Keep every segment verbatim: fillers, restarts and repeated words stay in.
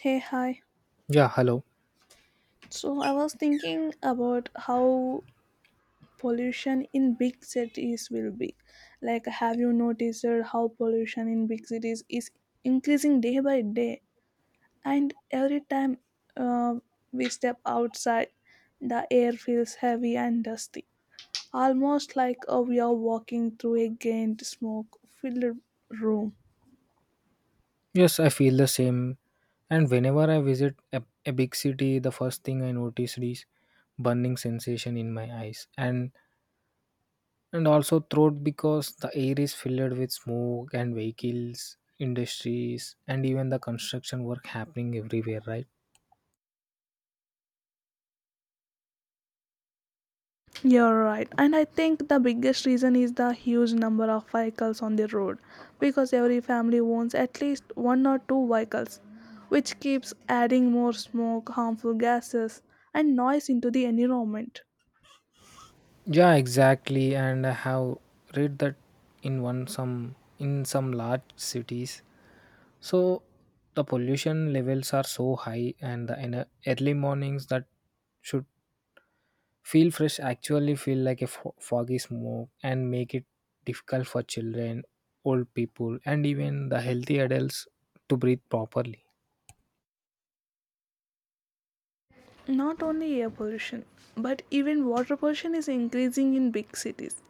Hey, hi. Yeah, hello. So I was thinking about how pollution in big cities will be. Like, have you noticed how pollution in big cities is increasing day by day? And every time uh, we step outside, the air feels heavy and dusty, almost like uh, we are walking through a gained smoke filled room. Yes, I feel the same. And whenever I visit a, a big city, the first thing I notice is burning sensation in my eyes and and also throat because the air is filled with smoke and vehicles, industries, and even the construction work happening everywhere, right? You're right. And I think the biggest reason is the huge number of vehicles on the road because every family owns at least one or two vehicles, which keeps adding more smoke, harmful gases, and noise into the environment. Yeah, exactly. And I have read that in one some in some large cities. So the pollution levels are so high and the in early mornings that should feel fresh actually feel like a fo- foggy smoke and make it difficult for children, old people, and even the healthy adults to breathe properly. Not only air pollution, but even water pollution is increasing in big cities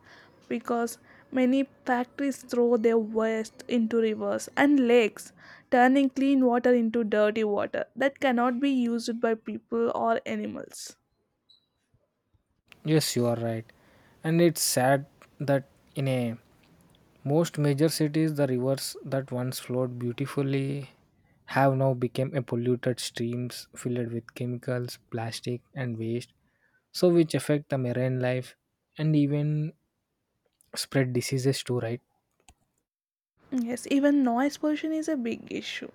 because many factories throw their waste into rivers and lakes, turning clean water into dirty water that cannot be used by people or animals. Yes, you are right. And it's sad that in a most major cities, the rivers that once flowed beautifully have now become a polluted streams filled with chemicals, plastic, and waste. So, which affect the marine life and even spread diseases too, right? Yes, even noise pollution is a big issue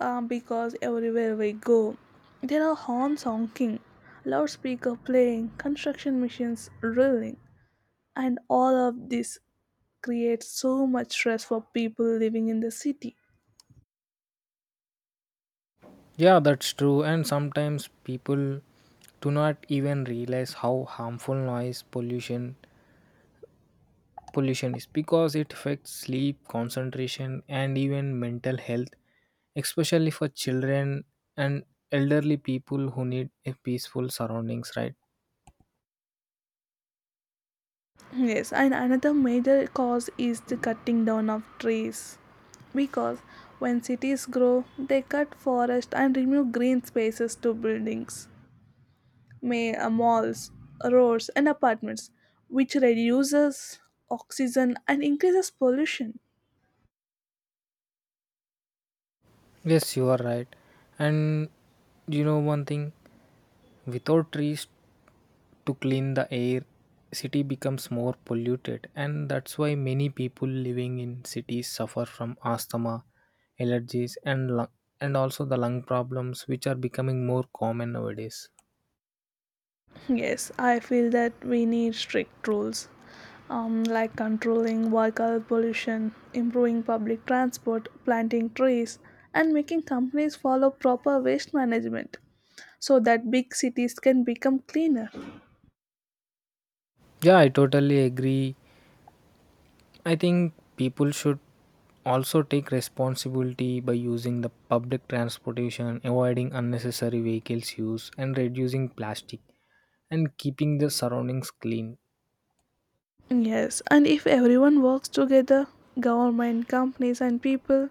uh, because everywhere we go, there are horns honking, loudspeaker playing, construction machines drilling, and all of this creates so much stress for people living in the city. Yeah, that's true. And sometimes people do not even realize how harmful noise pollution pollution is because it affects sleep, concentration, and even mental health, especially for children and elderly people who need a peaceful surroundings, right? Yes, and another major cause is the cutting down of trees. Because when cities grow, they cut forest and remove green spaces to buildings, may, uh, malls, roads, and apartments, which reduces oxygen and increases pollution. Yes, you are right. And you know one thing, without trees, to clean the air city becomes more polluted and that's why many people living in cities suffer from asthma allergies and lung, and also the lung problems which are becoming more common nowadays. Yes, I feel that we need strict rules, um, like controlling vehicle pollution, improving public transport, planting trees, and making companies follow proper waste management so that big cities can become cleaner. Yeah, I totally agree. I think people should also take responsibility by using the public transportation avoiding unnecessary vehicles use and reducing plastic and keeping the surroundings clean. Yes, and if everyone works together, government, companies, and people,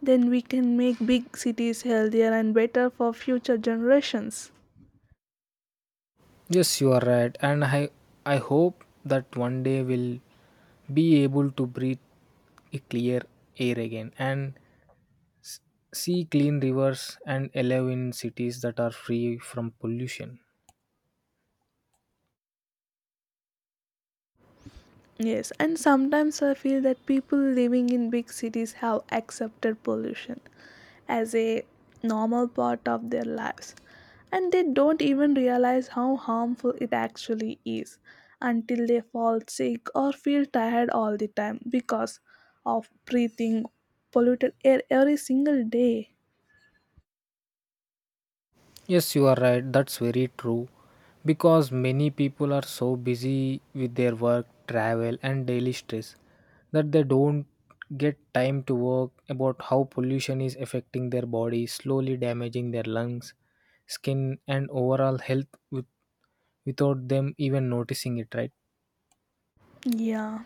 then we can make big cities healthier and better for future generations. Yes, you are right, and I I hope that one day we'll be able to breathe a clear air again and see clean rivers and live in cities that are free from pollution. Yes, and sometimes I feel that people living in big cities have accepted pollution as a normal part of their lives, and they don't even realize how harmful it actually is until they fall sick or feel tired all the time because of breathing polluted air every single day. Yes, you are right. That's very true, because many people are so busy with their work, travel, and daily stress that they don't get time to work about how pollution is affecting their body, slowly damaging their lungs skin and overall health with without them even noticing it, right? Yeah,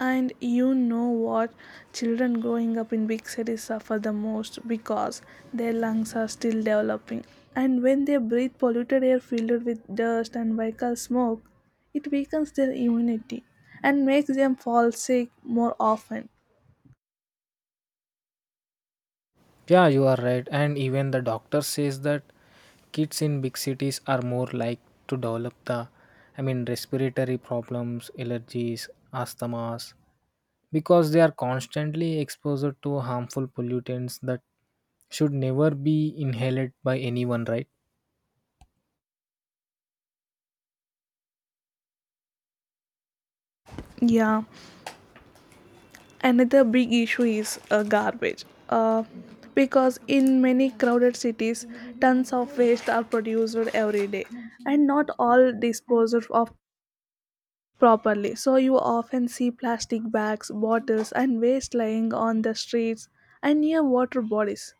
and you know what? Children growing up in big cities suffer the most because their lungs are still developing. And when they breathe polluted air filled with dust and vehicle smoke, it weakens their immunity and makes them fall sick more often. Yeah, you are right. And even the doctor says that kids in big cities are more like to develop the, I mean, respiratory problems, allergies, asthmas, because they are constantly exposed to harmful pollutants that should never be inhaled by anyone, right? Yeah, another big issue is uh, garbage. Uh, because in many crowded cities, tons of waste are produced every day, and not all disposed of properly. So you often see plastic bags, bottles, and waste lying on the streets and near water bodies.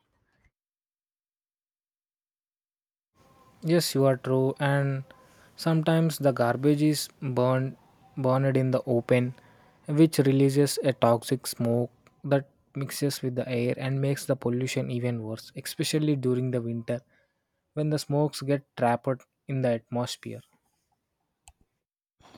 Yes, you are true. And sometimes the garbage is burned burned in the open, which releases a toxic smoke that mixes with the air and makes the pollution even worse, especially during the winter when the smokes get trapped in the atmosphere.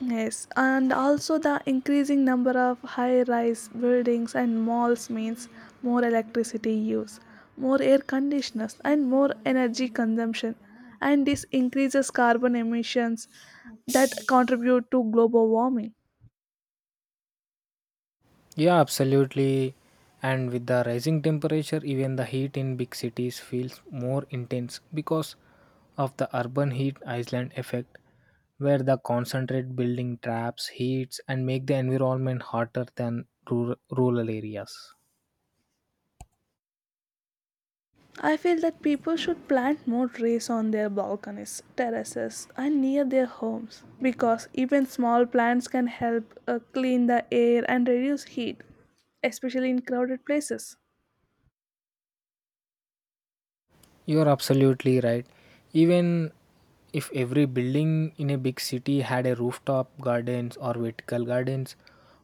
Yes, and also the increasing number of high rise buildings and malls means more electricity use, more air conditioners, and more energy consumption. And this increases carbon emissions that contribute to global warming. Yeah, absolutely. And with the rising temperature, even the heat in big cities feels more intense because of the urban heat island effect, where the concentrate building traps heats and make the environment hotter than rural, rural areas. I feel that people should plant more trees on their balconies, terraces, and near their homes because even small plants can help uh, clean the air and reduce heat, especially in crowded places. You are absolutely right. Even if every building in a big city had a rooftop gardens or vertical gardens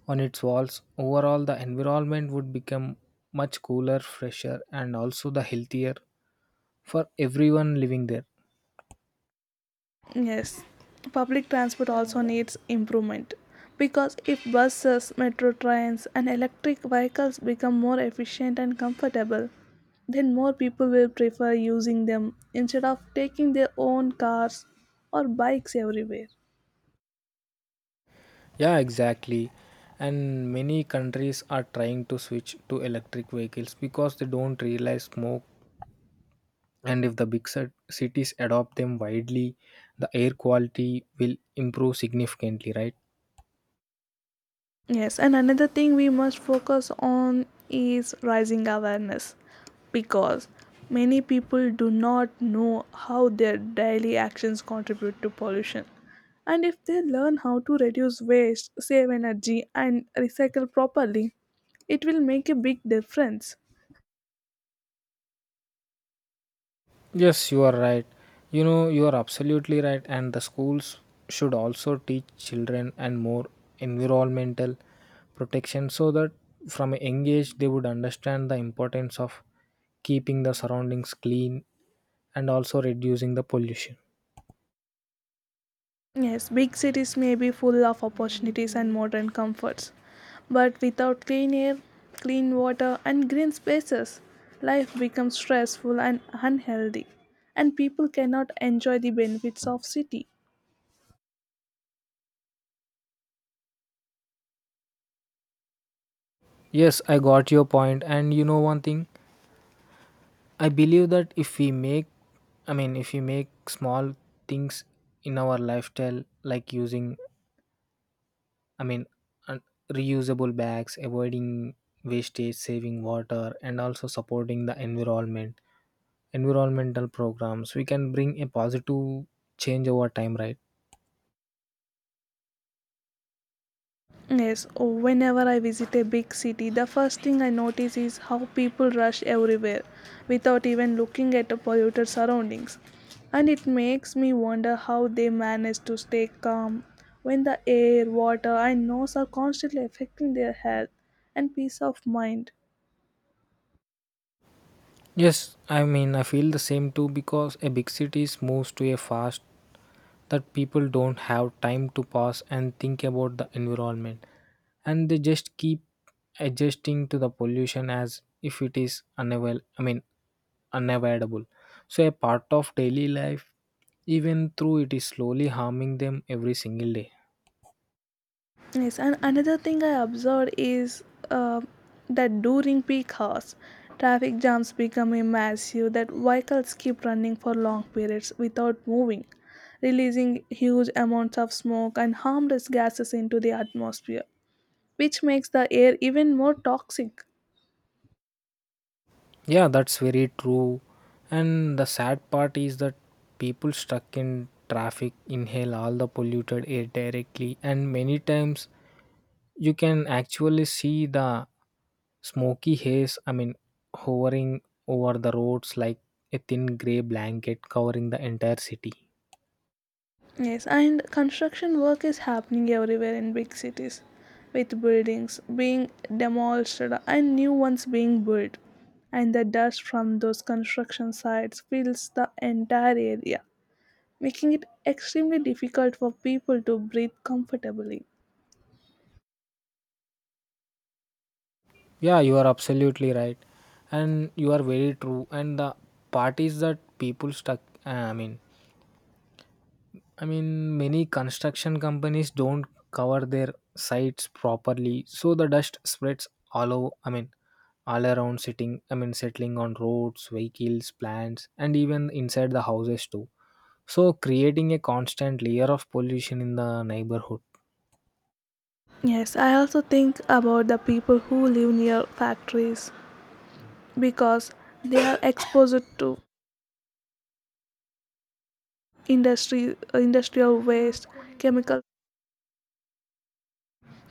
on its walls, overall the environment would become much cooler, fresher, and also the healthier for everyone living there. Yes, public transport also needs improvement because if buses, metro trains, and electric vehicles become more efficient and comfortable, then more people will prefer using them instead of taking their own cars or bikes everywhere. Yeah, exactly. And many countries are trying to switch to electric vehicles because they don't realize smoke. And if the big cit- cities adopt them widely, the air quality will improve significantly, right? Yes, and another thing we must focus on is rising awareness because many people do not know how their daily actions contribute to pollution. And if they learn how to reduce waste, save energy, and recycle properly, it will make a big difference. Yes, you are right. You know, you are absolutely right. And the schools should also teach children and more environmental protection so that from a young age they would understand the importance of keeping the surroundings clean and also reducing the pollution. Yes, big cities may be full of opportunities and modern comforts, but without clean air, clean water, and green spaces, life becomes stressful and unhealthy, and people cannot enjoy the benefits of city. Yes, I got your point. And you know one thing, I believe that if we make, I mean, if we make small things in our lifestyle, like using I mean, and reusable bags, avoiding wastage, saving water, and also supporting the environment, environmental programs. We can bring a positive change over time, right? Yes, oh, whenever I visit a big city, the first thing I notice is how people rush everywhere without even looking at the polluted surroundings. And it makes me wonder how they manage to stay calm when the air, water, and noise are constantly affecting their health and peace of mind. Yes, I mean, I feel the same too because a big cities moves to a fast that people don't have time to pause and think about the environment, and they just keep adjusting to the pollution as if it is unavail. I mean unavoidable. So, a part of daily life, even though it is slowly harming them every single day. Yes, and another thing I observed is uh, that during peak hours, traffic jams become a massive that vehicles keep running for long periods without moving, releasing huge amounts of smoke and harmless gases into the atmosphere, which makes the air even more toxic. Yeah, that's very true. And the sad part is that people stuck in traffic inhale all the polluted air directly, and many times you can actually see the smoky haze, I mean, hovering over the roads like a thin gray blanket covering the entire city. Yes, and construction work is happening everywhere in big cities, with buildings being demolished and new ones being built. And the dust from those construction sites fills the entire area, making it extremely difficult for people to breathe comfortably. Yeah, you are absolutely right, and you are very true. And the part is that people stuck. I mean, I mean, many construction companies don't cover their sites properly, so the dust spreads all over. I mean, all around sitting. I mean, settling on roads, vehicles, plants, and even inside the houses too. So creating a constant layer of pollution in the neighborhood. Yes, I also think about the people who live near factories because they are exposed to industry, industrial waste, chemical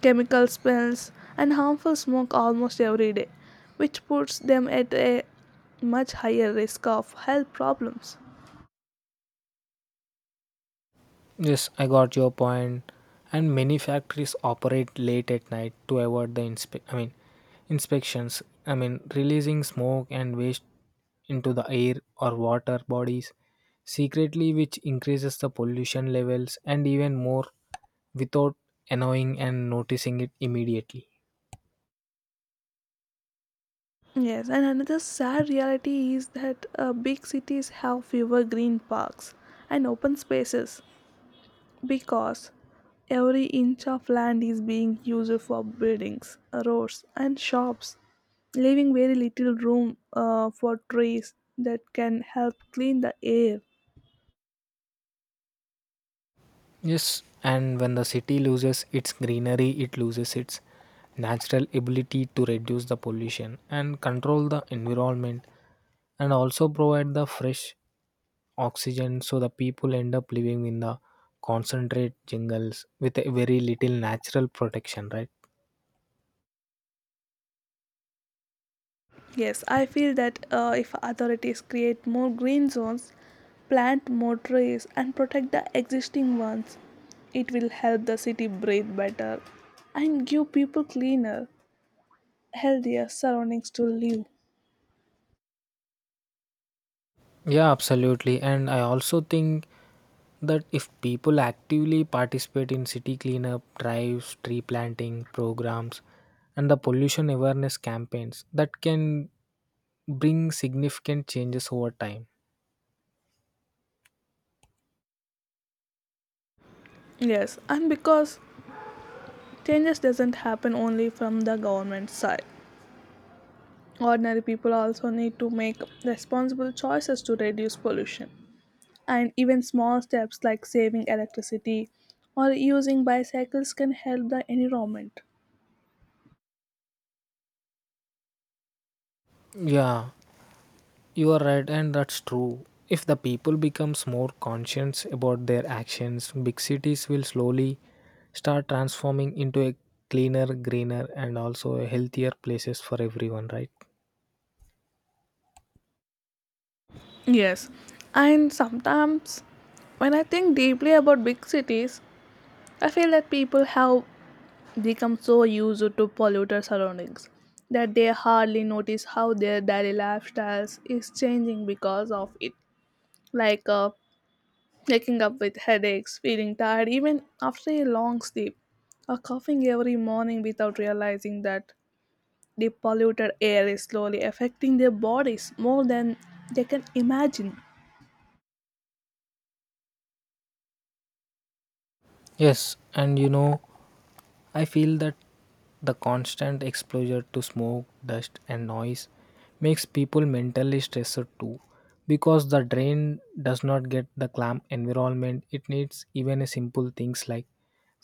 chemical spills, and harmful smoke almost every day, which puts them at a much higher risk of health problems. Yes, I got your point. And many factories operate late at night to avoid the inspe- I mean inspections. I mean releasing smoke and waste into the air or water bodies secretly which increases the pollution levels and even more without annoying and noticing it immediately. Yes, and another sad reality is that uh, big cities have fewer green parks and open spaces because every inch of land is being used for buildings, roads, and shops, leaving very little room uh, for trees that can help clean the air. Yes, and when the city loses its greenery, it loses its natural ability to reduce the pollution and control the environment and also provide the fresh oxygen so the people end up living in the concentrate jungles with a very little natural protection, right? Yes, I feel that uh, if authorities create more green zones, plant more trees, and protect the existing ones, it will help the city breathe better and give people cleaner, healthier surroundings to live. Yeah, absolutely. And I also think that if people actively participate in city cleanup drives, tree planting programs, and the pollution awareness campaigns, that can bring significant changes over time. Yes, and because changes doesn't happen only from the government side. Ordinary people also need to make responsible choices to reduce pollution. And even small steps like saving electricity or using bicycles can help the environment. Yeah, you are right, and that's true. If the people becomes more conscious about their actions, big cities will slowly start transforming into a cleaner, greener, and also a healthier places for everyone, right? Yes, and sometimes when I think deeply about big cities, I feel that people have become so used to polluted surroundings that they hardly notice how their daily lifestyles is changing because of it. Like uh, waking up with headaches, feeling tired even after a long sleep, or coughing every morning without realizing that the polluted air is slowly affecting their bodies more than they can imagine. Yes, and you know, I feel that the constant exposure to smoke, dust, and noise makes people mentally stressed too because the brain does not get the calm environment it needs even a simple things like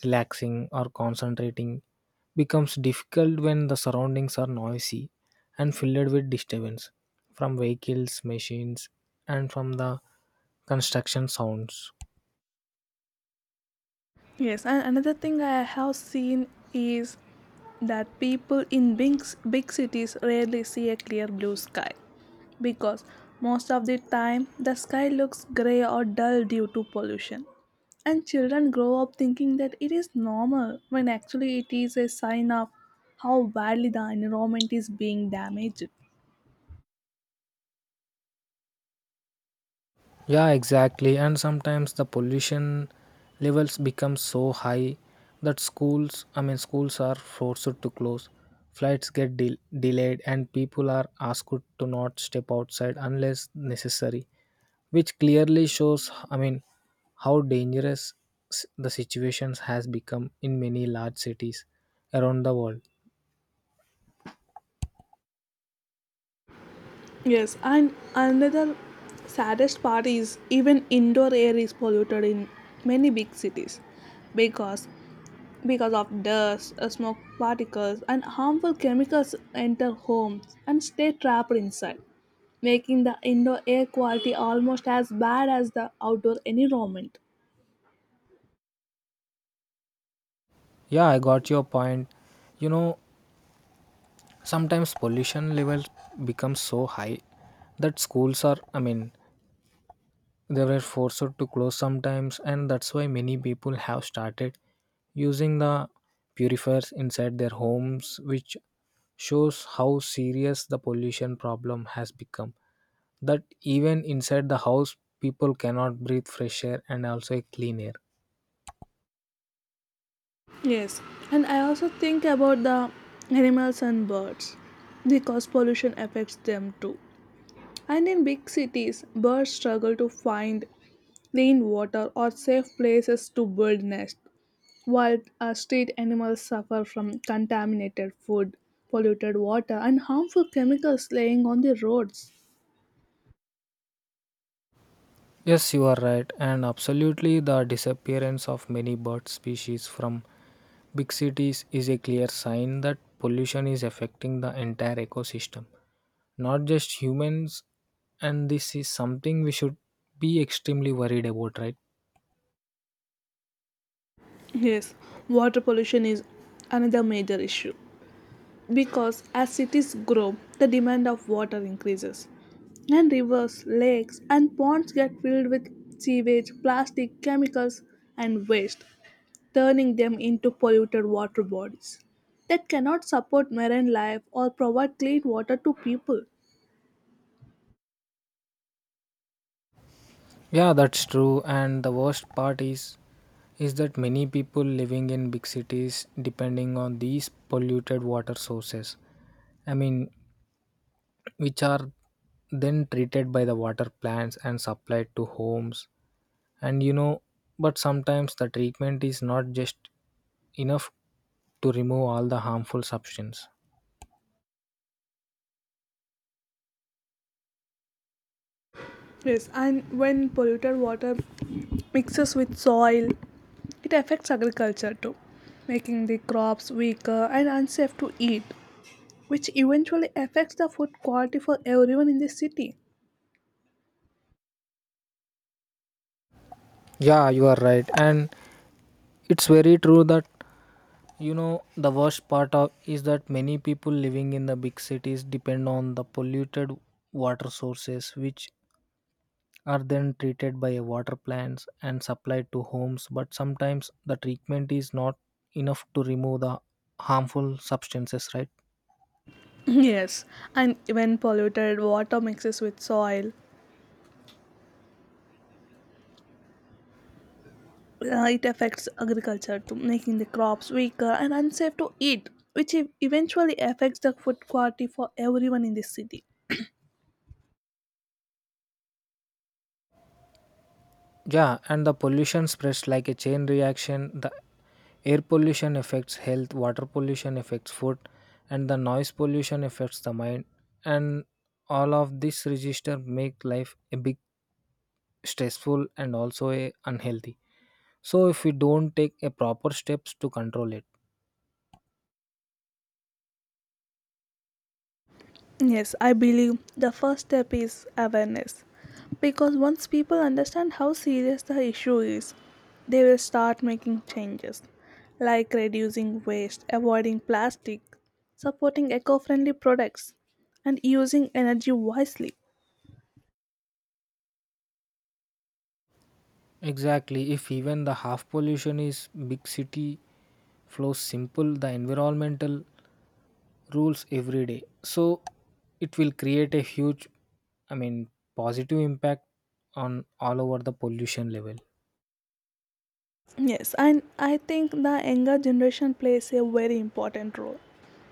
relaxing or concentrating becomes difficult when the surroundings are noisy and filled with disturbance from vehicles machines and from the construction sounds. Yes, and another thing I have seen is that people in big, big cities rarely see a clear blue sky because most of the time the sky looks gray or dull due to pollution. And children grow up thinking that it is normal when actually it is a sign of how badly the environment is being damaged. Yeah, exactly. And sometimes the pollution levels become so high that schools, I mean, schools are forced to close, flights get del- delayed, and people are asked to not step outside unless necessary, which clearly shows, I mean, how dangerous s- the situations has become in many large cities around the world. Yes, and another saddest part is even indoor air is polluted in many big cities because because of dust, uh, smoke particles, and harmful chemicals enter homes and stay trapped inside, making the indoor air quality almost as bad as the outdoor environment. Yeah, I got your point. You know, sometimes pollution levels become so high that schools are, I mean, they were forced to close sometimes, and that's why many people have started using the purifiers inside their homes, which shows how serious the pollution problem has become. That even inside the house, people cannot breathe fresh air and also clean air. Yes, and I also think about the animals and birds because pollution affects them too. And in big cities, birds struggle to find clean water, or safe places to build nests, while uh, street animals suffer from contaminated food, polluted water, and harmful chemicals laying on the roads. Yes, you are right, and absolutely the disappearance of many bird species from big cities is a clear sign that pollution is affecting the entire ecosystem. Not just humans and this is something we should be extremely worried about, right? Yes, water pollution is another major issue because as cities grow, the demand of water increases, and rivers, lakes, and ponds get filled with sewage, plastic, chemicals, and waste, turning them into polluted water bodies that cannot support marine life or provide clean water to people. Yeah, that's true and the worst part is is that many people living in big cities depending on these polluted water sources, i mean which are then treated by the water plants and supplied to homes. And you know, but sometimes the treatment is not just enough to remove all the harmful substance. Yes, and when polluted water mixes with soil, it affects agriculture too, making the crops weaker and unsafe to eat, which eventually affects the food quality for everyone in the city. Yeah, you are right, and it's very true that you know, the worst part of is that many people living in the big cities depend on the polluted water sources, which are then treated by water plants and supplied to homes. But sometimes the treatment is not enough to remove the harmful substances, right? Yes, and when polluted water mixes with soil, uh, it affects agriculture to making the crops weaker and unsafe to eat which e- eventually affects the food quality for everyone in the city. Yeah, and the pollution spreads like a chain reaction. The air pollution affects health, water pollution affects food, and the noise pollution affects the mind. And all of this register make life a big stressful and also a unhealthy so if we don't take a proper steps to control it. Yes, I believe the first step is awareness because once people understand how serious the issue is they will start making changes like reducing waste, avoiding plastic, supporting eco-friendly products, and using energy wisely. Exactly if even the half pollution is big city flows simple the environmental rules every day so it will create a huge, i mean positive impact on all over the pollution level. Yes, and I think the younger generation plays a very important role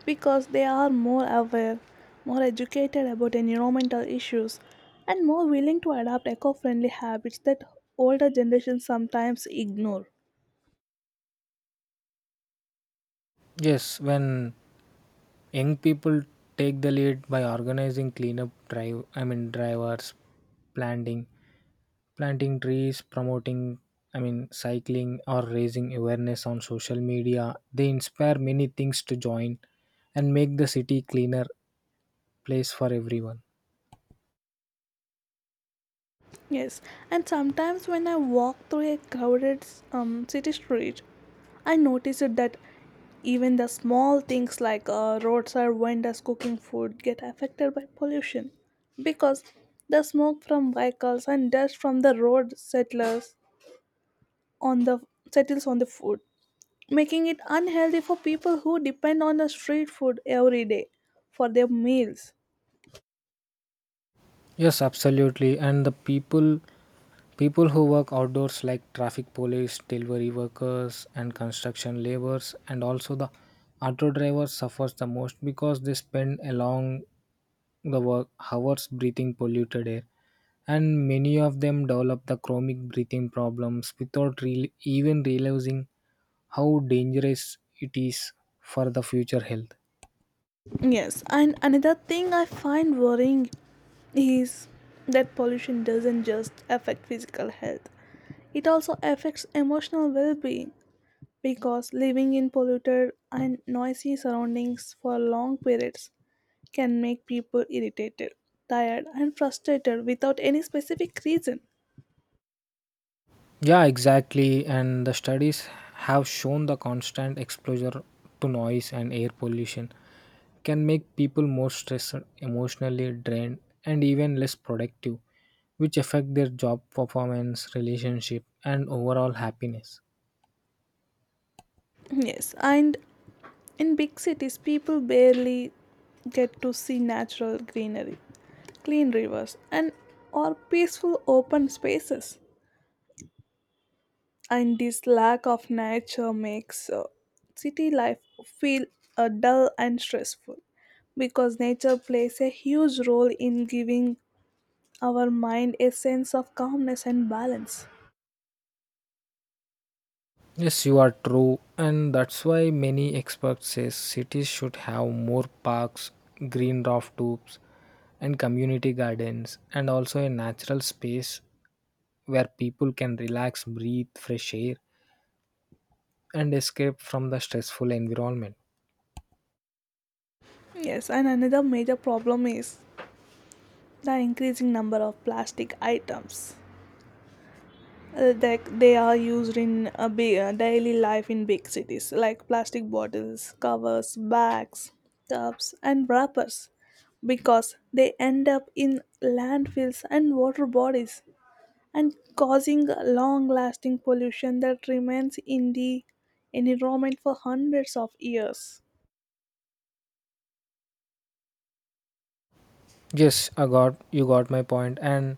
because they are more aware, more educated about environmental issues, and more willing to adopt eco friendly habits that older generations sometimes ignore. Yes, when young people take the lead by organizing cleanup drive, I mean drivers, planting, planting trees, promoting, I mean cycling or raising awareness on social media. They inspire many things to join and make the city cleaner place for everyone. Yes, and sometimes when I walk through a crowded um, city street, I noticed that even the small things like uh, roadside vendors cooking food get affected by pollution because the smoke from vehicles and dust from the road settlers on the settles on the food, making it unhealthy for people who depend on the street food every day for their meals. Yes, absolutely. And the people people who work outdoors like traffic police, delivery workers and construction laborers and also the auto drivers suffers the most because they spend along the work hours breathing polluted air and many of them develop the chronic breathing problems without real even realizing how dangerous it is for the future health. Yes, and another thing I find worrying is that pollution doesn't just affect physical health. It also affects emotional well-being because living in polluted and noisy surroundings for long periods can make people irritated, tired, and frustrated without any specific reason. Yeah, exactly. And the studies have shown the constant exposure to noise and air pollution can make people more stressed, emotionally drained, and even less productive, which affect their job performance, relationship, and overall happiness. Yes, and in big cities, people barely get to see natural greenery, clean rivers, and or peaceful open spaces. And this lack of nature makes uh, city life feel uh, dull and stressful because nature plays a huge role in giving our mind a sense of calmness and balance. Yes, you are true, and that's why many experts say cities should have more parks, green roof tubes, and community gardens, and also a natural space where people can relax, breathe fresh air, and escape from the stressful environment. Yes, and another major problem is the increasing number of plastic items. Uh, that they are used in a big, uh, daily life in big cities, like plastic bottles, covers, bags, cups, and wrappers, because they end up in landfills and water bodies and causing long lasting pollution that remains in the environment for hundreds of years. Yes, I got you got my point. And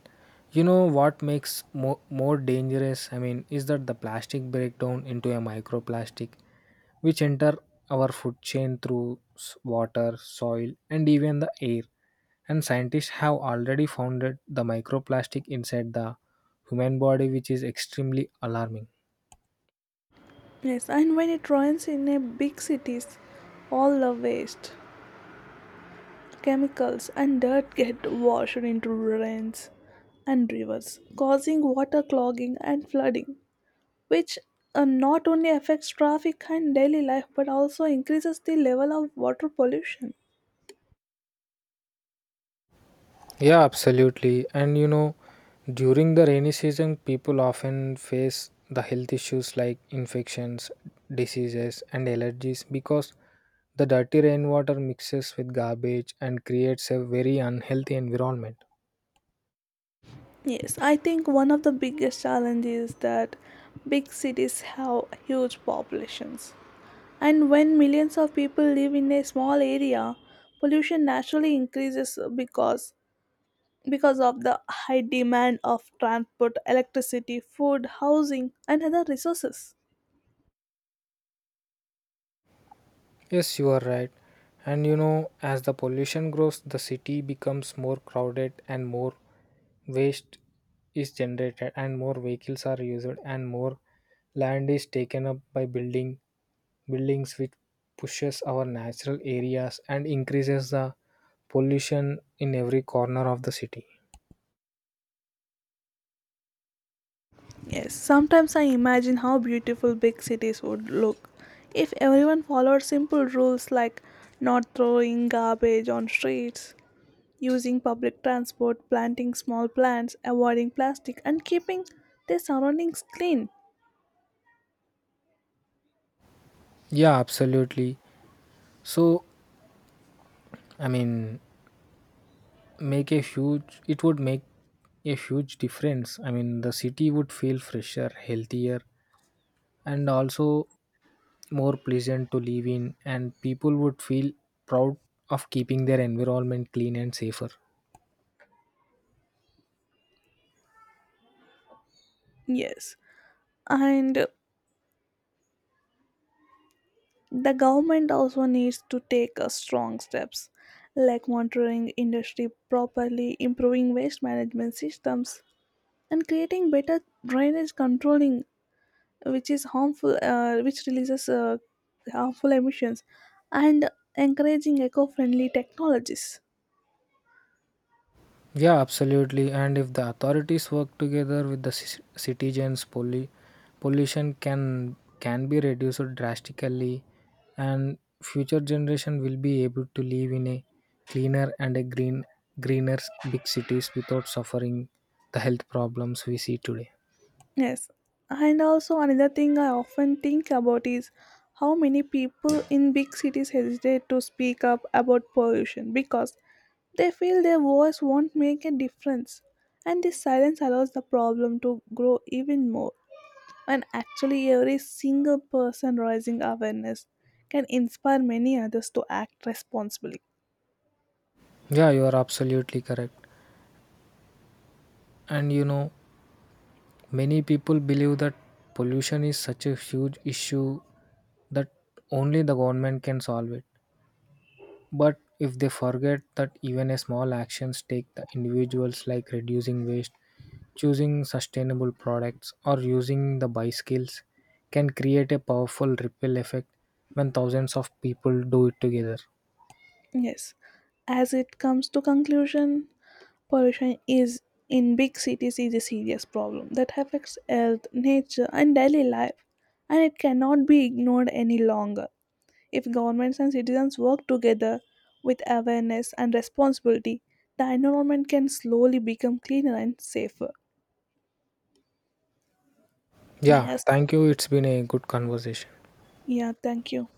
you know what makes more, more dangerous? I mean, is that the plastic breakdown into a microplastic, which enter our food chain through s- water, soil, and even the air. And scientists have already found that the microplastic inside the human body, which is extremely alarming. Yes, and when it rains in a big cities, all the waste, chemicals and dirt get washed into drains and rivers, causing water clogging and flooding, which uh, not only affects traffic and daily life but also increases the level of water pollution. Yeah, absolutely. And you know, during the rainy season, people often face the health issues like infections, diseases, and allergies because the dirty rainwater mixes with garbage and creates a very unhealthy environment. Yes, I think one of the biggest challenges is that big cities have huge populations. And when millions of people live in a small area, pollution naturally increases because because of the high demand of transport, electricity, food, housing, and other resources. Yes, you are right. And you know, as the pollution grows, the city becomes more crowded and more waste is generated, and more vehicles are used, and more land is taken up by building buildings which pushes our natural areas and increases the pollution in every corner of the city. Yes, sometimes I imagine how beautiful big cities would look if everyone followed simple rules like not throwing garbage on streets, using public transport, planting small plants, avoiding plastic, and keeping their surroundings clean. Yeah, absolutely. So, i mean make a huge it would make a huge difference. I mean the city would feel fresher healthier and also more pleasant to live in and people would feel proud of keeping their environment clean and safer. Yes, and the government also needs to take uh, strong steps like monitoring industry properly, improving waste management systems, and creating better drainage controlling, which is harmful, uh, which releases uh, harmful emissions, and encouraging eco-friendly technologies. Yeah, absolutely. And if the authorities work together with the ci- citizens, poli- pollution can can be reduced drastically, and future generation will be able to live in a cleaner and a green greener big cities without suffering the health problems we see today. Yes, and also another thing I often think about is how many people in big cities hesitate to speak up about pollution because they feel their voice won't make a difference, and this silence allows the problem to grow even more. And actually, every single person raising awareness can inspire many others to act responsibly. Yeah, you are absolutely correct. And you know, many people believe that pollution is such a huge issue that only the government can solve it. But if they forget that even a small actions take the individuals like reducing waste, choosing sustainable products or using the buy skills can create a powerful ripple effect when thousands of people do it together. Yes, as it comes to conclusion, pollution is in big cities is a serious problem that affects health, nature, and daily life, and it cannot be ignored any longer. If governments and citizens work together with awareness and responsibility, the environment can slowly become cleaner and safer. Yeah, Yes, thank you. It's been a good conversation. yeah, thank you.